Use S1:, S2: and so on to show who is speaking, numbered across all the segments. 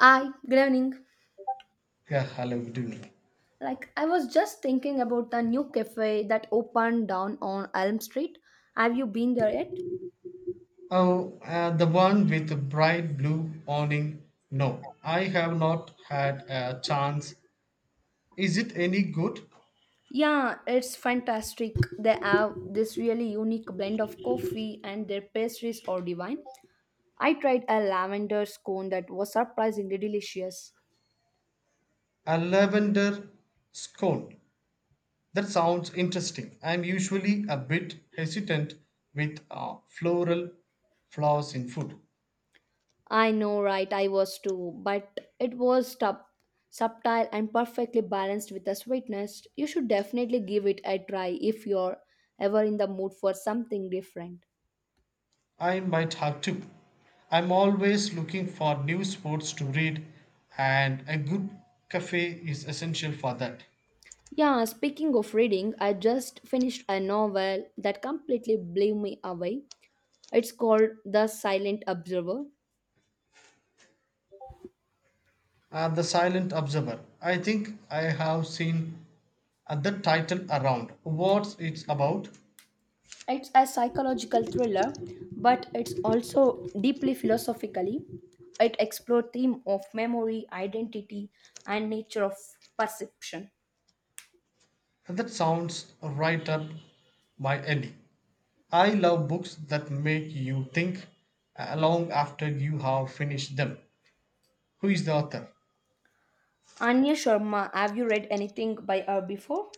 S1: Hi, good evening.
S2: Yeah, hello, good evening.
S1: Like, I was just thinking about the new cafe that opened down on Elm Street. Have you been there yet?
S2: Oh, the one with the bright blue awning. No, I have not had a chance. Is it any good?
S1: Yeah, it's fantastic. They have this really unique blend of coffee, and their pastries are divine. I tried a lavender scone that was surprisingly delicious.
S2: A lavender scone. That sounds interesting. I'm usually a bit hesitant with floral flaws in food.
S1: I know, right? I was too, but it was subtle and perfectly balanced with the sweetness. You should definitely give it a try if you're ever in the mood for something different.
S2: I might have to. I'm always looking for new sports to read, and a good cafe is essential for that.
S1: Yeah, speaking of reading, I just finished a novel that completely blew me away. It's called The Silent Observer.
S2: The Silent Observer. I think I have seen the title around. What's it about?
S1: It's a psychological thriller, but it's also deeply philosophically. It explores theme of memory, identity, and nature of perception.
S2: That sounds right up my alley. I love books that make you think long after you have finished them. Who is the author?
S1: Anya Sharma, have you read anything by her before?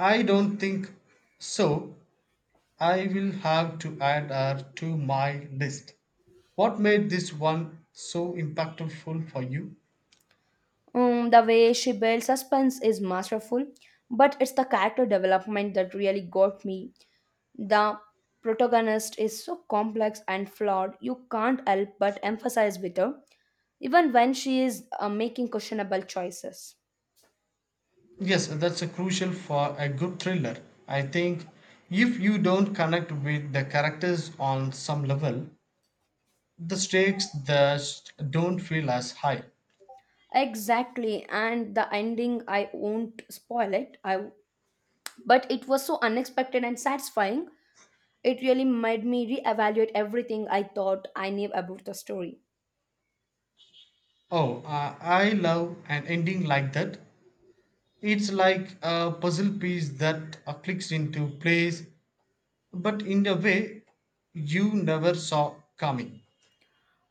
S2: I don't think so. I will have to add her to my list. What made this one so impactful for you?
S1: The way she builds suspense is masterful, but it's the character development that really got me. The protagonist is so complex and flawed, you can't help but emphasize with her, even when she is making questionable choices.
S2: Yes, that's a crucial for a good thriller. I think if you don't connect with the characters on some level, the stakes just don't feel as high.
S1: Exactly, and the ending, I won't spoil it, but it was so unexpected and satisfying. It really made me reevaluate everything I thought I knew about the story.
S2: Oh, I love an ending like that. It's like a puzzle piece that clicks into place, but in a way you never saw coming.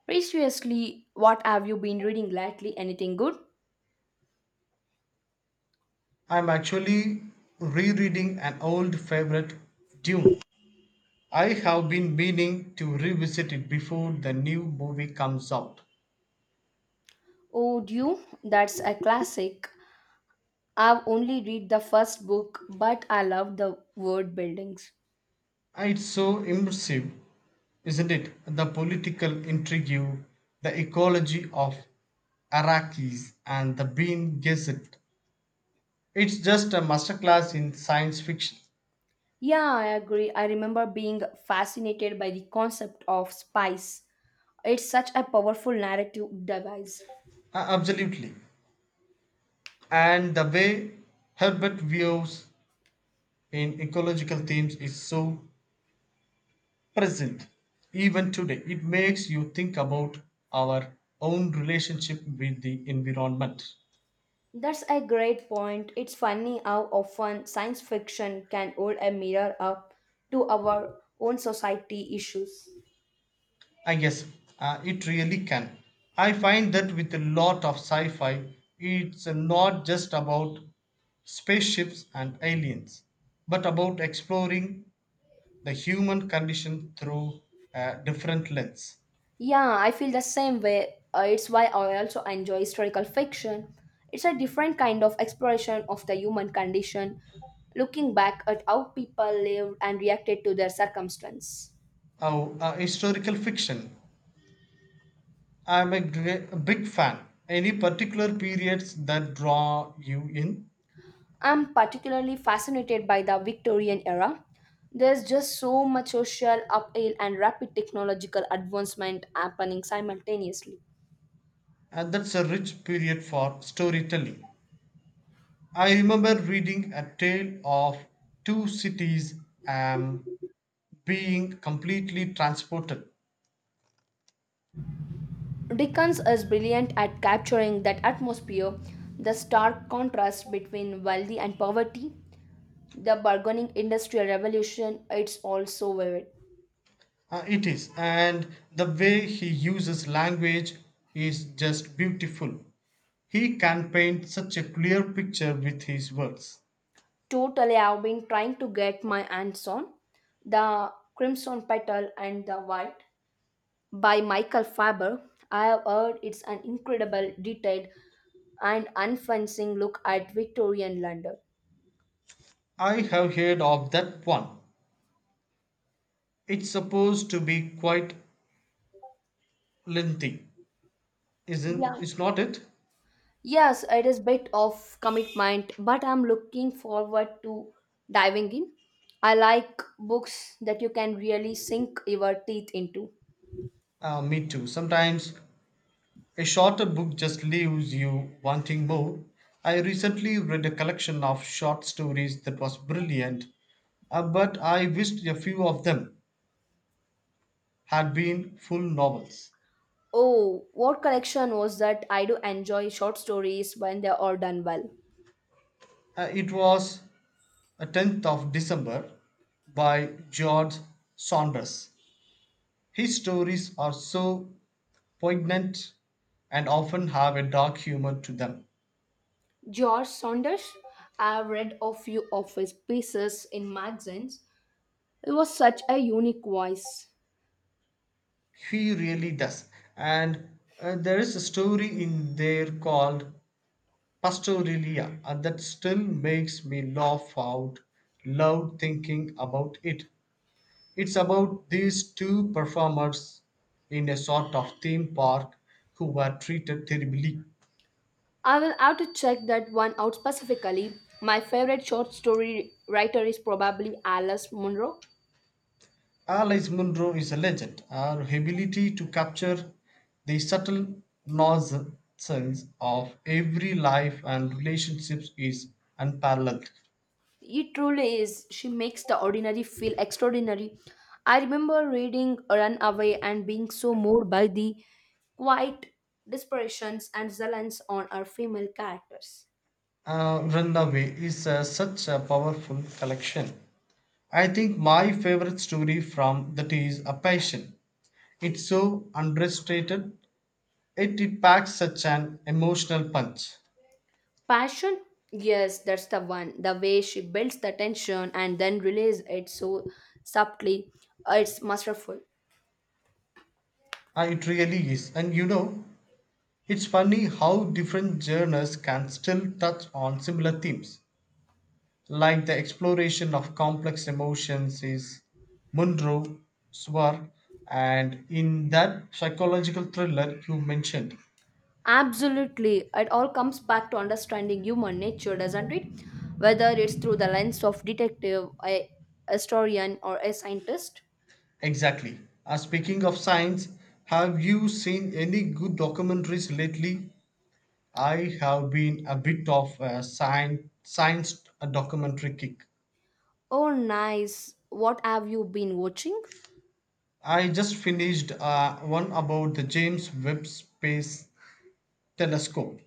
S1: Previously, what have you been reading lately? Anything good?
S2: I'm actually rereading an old favorite, Dune. I have been meaning to revisit it before the new movie comes out.
S1: Oh, you? That's a classic. I've only read the first book, but I love the word buildings.
S2: It's so immersive, isn't it? The political intrigue, the ecology of Iraqis, and the Bean Gazette. It's just a masterclass in science fiction.
S1: Yeah, I agree. I remember being fascinated by the concept of spice. It's such a powerful narrative device.
S2: Absolutely. And the way Herbert views in ecological themes is so present. Even today, it makes you think about our own relationship with the environment.
S1: That's a great point. It's funny how often science fiction can hold a mirror up to our own society issues.
S2: I guess it really can. I find that with a lot of sci fi, it's not just about spaceships and aliens, but about exploring the human condition through a different lens.
S1: Yeah, I feel the same way. It's why I also enjoy historical fiction. It's a different kind of exploration of the human condition, looking back at how people lived and reacted to their circumstance.
S2: Oh, historical fiction. I'm a big fan. Any particular periods that draw you in?
S1: I'm particularly fascinated by the Victorian era. There's just so much social upheaval and rapid technological advancement happening simultaneously.
S2: And that's a rich period for storytelling. I remember reading A Tale of Two Cities and being completely transported.
S1: Dickens is brilliant at capturing that atmosphere, the stark contrast between wealthy and poverty, the bargaining industrial revolution it's also vivid.
S2: It is, and the way he uses language is just beautiful. He can paint such a clear picture with his words.
S1: Totally, I've been trying to get my hands on The Crimson Petal and the White by Michael Faber. I have heard it's an incredible detailed and unfencing look at Victorian London.
S2: I have heard of that one. It's supposed to be quite lengthy, isn't?
S1: Yeah,
S2: It's not it?
S1: yes, it is bit of commitment, but I'm looking forward to diving in. I like books that you can really sink your teeth into.
S2: Me too. Sometimes a shorter book just leaves you wanting more. I recently read a collection of short stories that was brilliant, but I wished a few of them had been full novels.
S1: Oh, what connection was that? I do enjoy short stories when they are done well.
S2: It was a 10th of December by George Saunders. His stories are so poignant and often have a dark humor to them.
S1: George Saunders, I've read a few of his pieces in magazines. It was such a unique voice.
S2: He really does. And there is a story in there called Pastoralia, and that still makes me laugh out loud thinking about it. It's about these two performers in a sort of theme park who were treated terribly.
S1: I will have to check that one out specifically. My favorite short story writer is probably Alice Munro.
S2: Alice Munro is a legend. Her ability to capture the subtle nonsense of every life and relationships is unparalleled.
S1: It truly is. She makes the ordinary feel extraordinary. I remember reading Runaway and being so moved by the quiet desperations and zealance on our female characters.
S2: Runaway is such a powerful collection. I think my favorite story from that is A Passion. It's so understated, it packs such an emotional punch.
S1: Passion, yes, that's the one. The way she builds the tension and then relays it so subtly, it's masterful.
S2: It really is. And it's funny how different genres can still touch on similar themes. Like the exploration of complex emotions is Munro, Swar, and in that psychological thriller you mentioned,
S1: Absolutely, it all comes back to understanding human nature, doesn't it? Whether it's through the lens of detective, a historian, or a scientist.
S2: exactly. Speaking of science, have you seen any good documentaries lately? I have been a bit of a science documentary kick.
S1: Oh, nice. What have you been watching?
S2: I just finished one about the James Webb Space Telescope.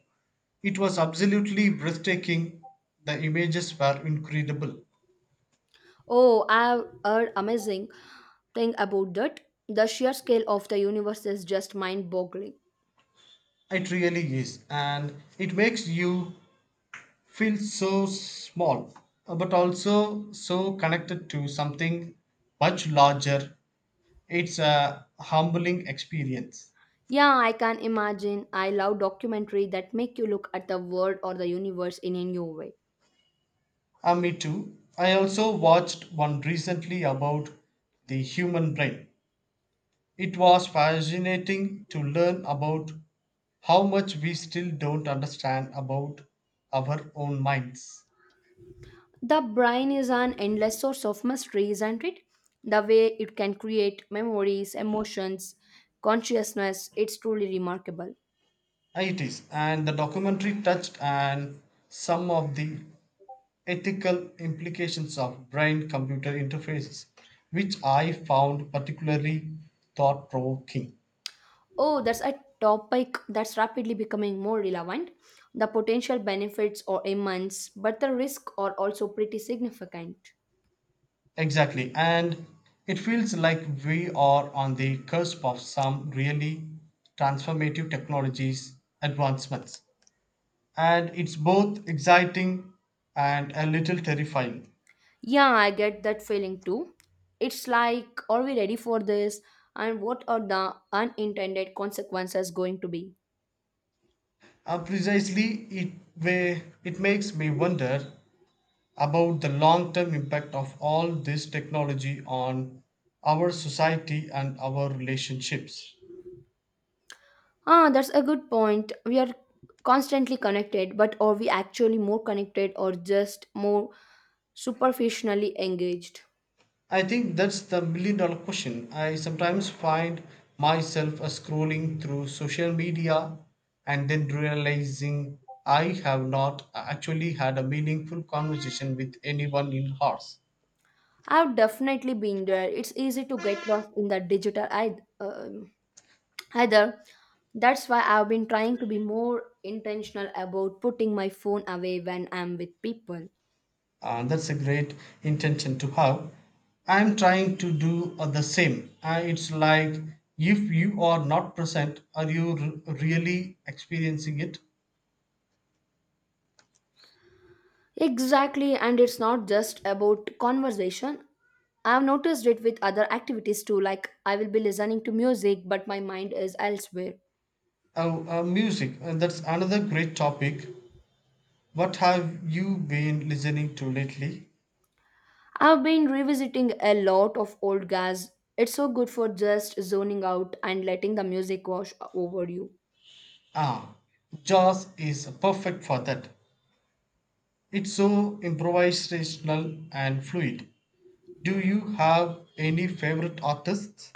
S2: It was absolutely breathtaking. The images were incredible.
S1: Oh, I've heard amazing. Think about that. The sheer scale of the universe is just mind boggling.
S2: It really is, and it makes you feels so small, but also so connected to something much larger. It's a humbling experience.
S1: Yeah, I can imagine. I love documentary that make you look at the world or the universe in a new way.
S2: Me too. I also watched one recently about the human brain. It was fascinating to learn about how much we still don't understand about our own minds.
S1: The brain is an endless source of mystery, isn't it? The way it can create memories, emotions, consciousness, it's truly remarkable.
S2: It is, and the documentary touched on some of the ethical implications of brain computer interfaces, which I found particularly thought provoking.
S1: Oh, that's a topic that's rapidly becoming more relevant. The potential benefits are immense, but the risks are also pretty significant.
S2: Exactly, and it feels like we are on the cusp of some really transformative technologies advancements. And it's both exciting and a little terrifying.
S1: Yeah, I get that feeling too. It's like, are we ready for this? And what are the unintended consequences going to be?
S2: Precisely, it makes me wonder about the long term impact of all this technology on our society and our relationships.
S1: Ah, that's a good point. We are constantly connected, but are we actually more connected or just more superficially engaged?
S2: I think that's the million dollar question. I sometimes find myself scrolling through social media and then realizing I have not actually had a meaningful conversation with anyone in hours.
S1: I've definitely been there. It's easy to get lost in the digital either. That's why I've been trying to be more intentional about putting my phone away when I'm with people.
S2: That's a great intention to have. I'm trying to do the same. It's like if you are not present, are you really experiencing it?
S1: Exactly, and it's not just about conversation. I've noticed it with other activities too, like I will be listening to music, but my mind is elsewhere.
S2: Oh, music. That's another great topic. What have you been listening to lately?
S1: I've been revisiting a lot of old gas. It's so good for just zoning out and letting the music wash over you.
S2: Ah, jazz is perfect for that. It's so improvisational and fluid. Do you have any favorite artists?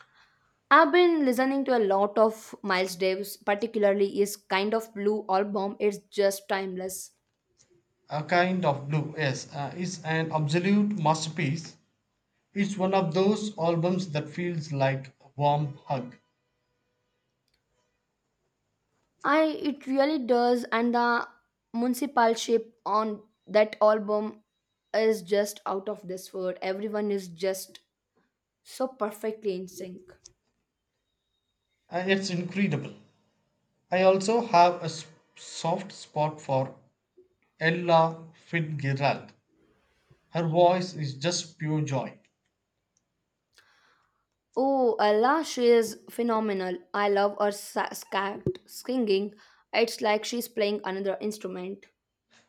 S1: I've been listening to a lot of Miles Davis, particularly his Kind of Blue album. It's just timeless.
S2: A Kind of Blue, yes, is an absolute masterpiece. It's one of those albums that feels like a warm hug.
S1: I it really does, and the municipal on that album is just out of this world. Everyone is just so perfectly in sync.
S2: It's incredible. I also have a soft spot for Ella Fitzgerald. Her voice is just pure joy.
S1: Oh, Ella, she is phenomenal. I love her scat singing. It's like she's playing another instrument.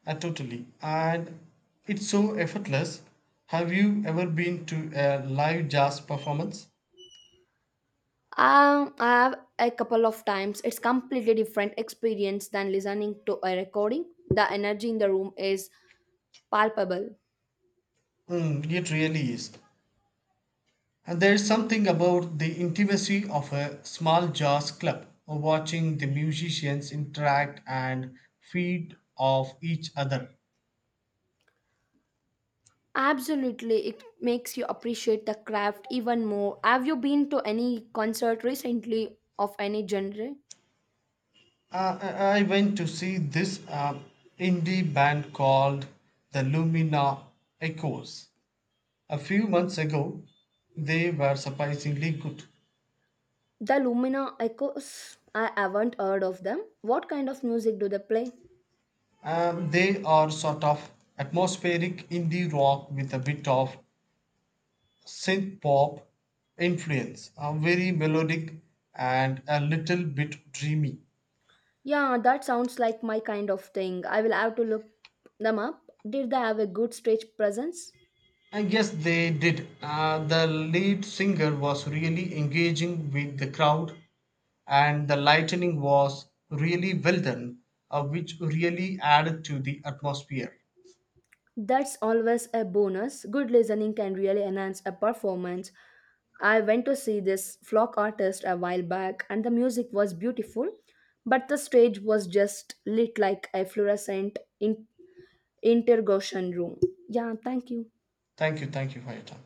S2: Totally. And it's so effortless. Have you ever been to a live jazz performance?
S1: I have a couple of times. It's completely different experience than listening to a recording. The energy in the room is palpable.
S2: Mm, it really is. And there's something about the intimacy of a small jazz club, watching the musicians interact and feed off each other.
S1: Absolutely, it makes you appreciate the craft even more. Have you been to any concert recently of any genre?
S2: I went to see this indie band called the Lumina Echoes a few months ago. They were surprisingly good.
S1: The Lumina Echoes? I haven't heard of them. What kind of music do they play?
S2: They are sort of atmospheric indie rock with a bit of synth pop influence, very melodic and a little bit dreamy.
S1: Yeah, that sounds like my kind of thing. I will have to look them up. Did they have a good stage presence?
S2: And yes, they did. The lead singer was really engaging with the crowd, and the lightning was really well done, which really added to the atmosphere.
S1: That's always a bonus. Good listening can really enhance a performance. I went to see this folk artist a while back, and the music was beautiful, but the stage was just lit like a fluorescent interrogation room. Yeah, thank you.
S2: Thank you for your time.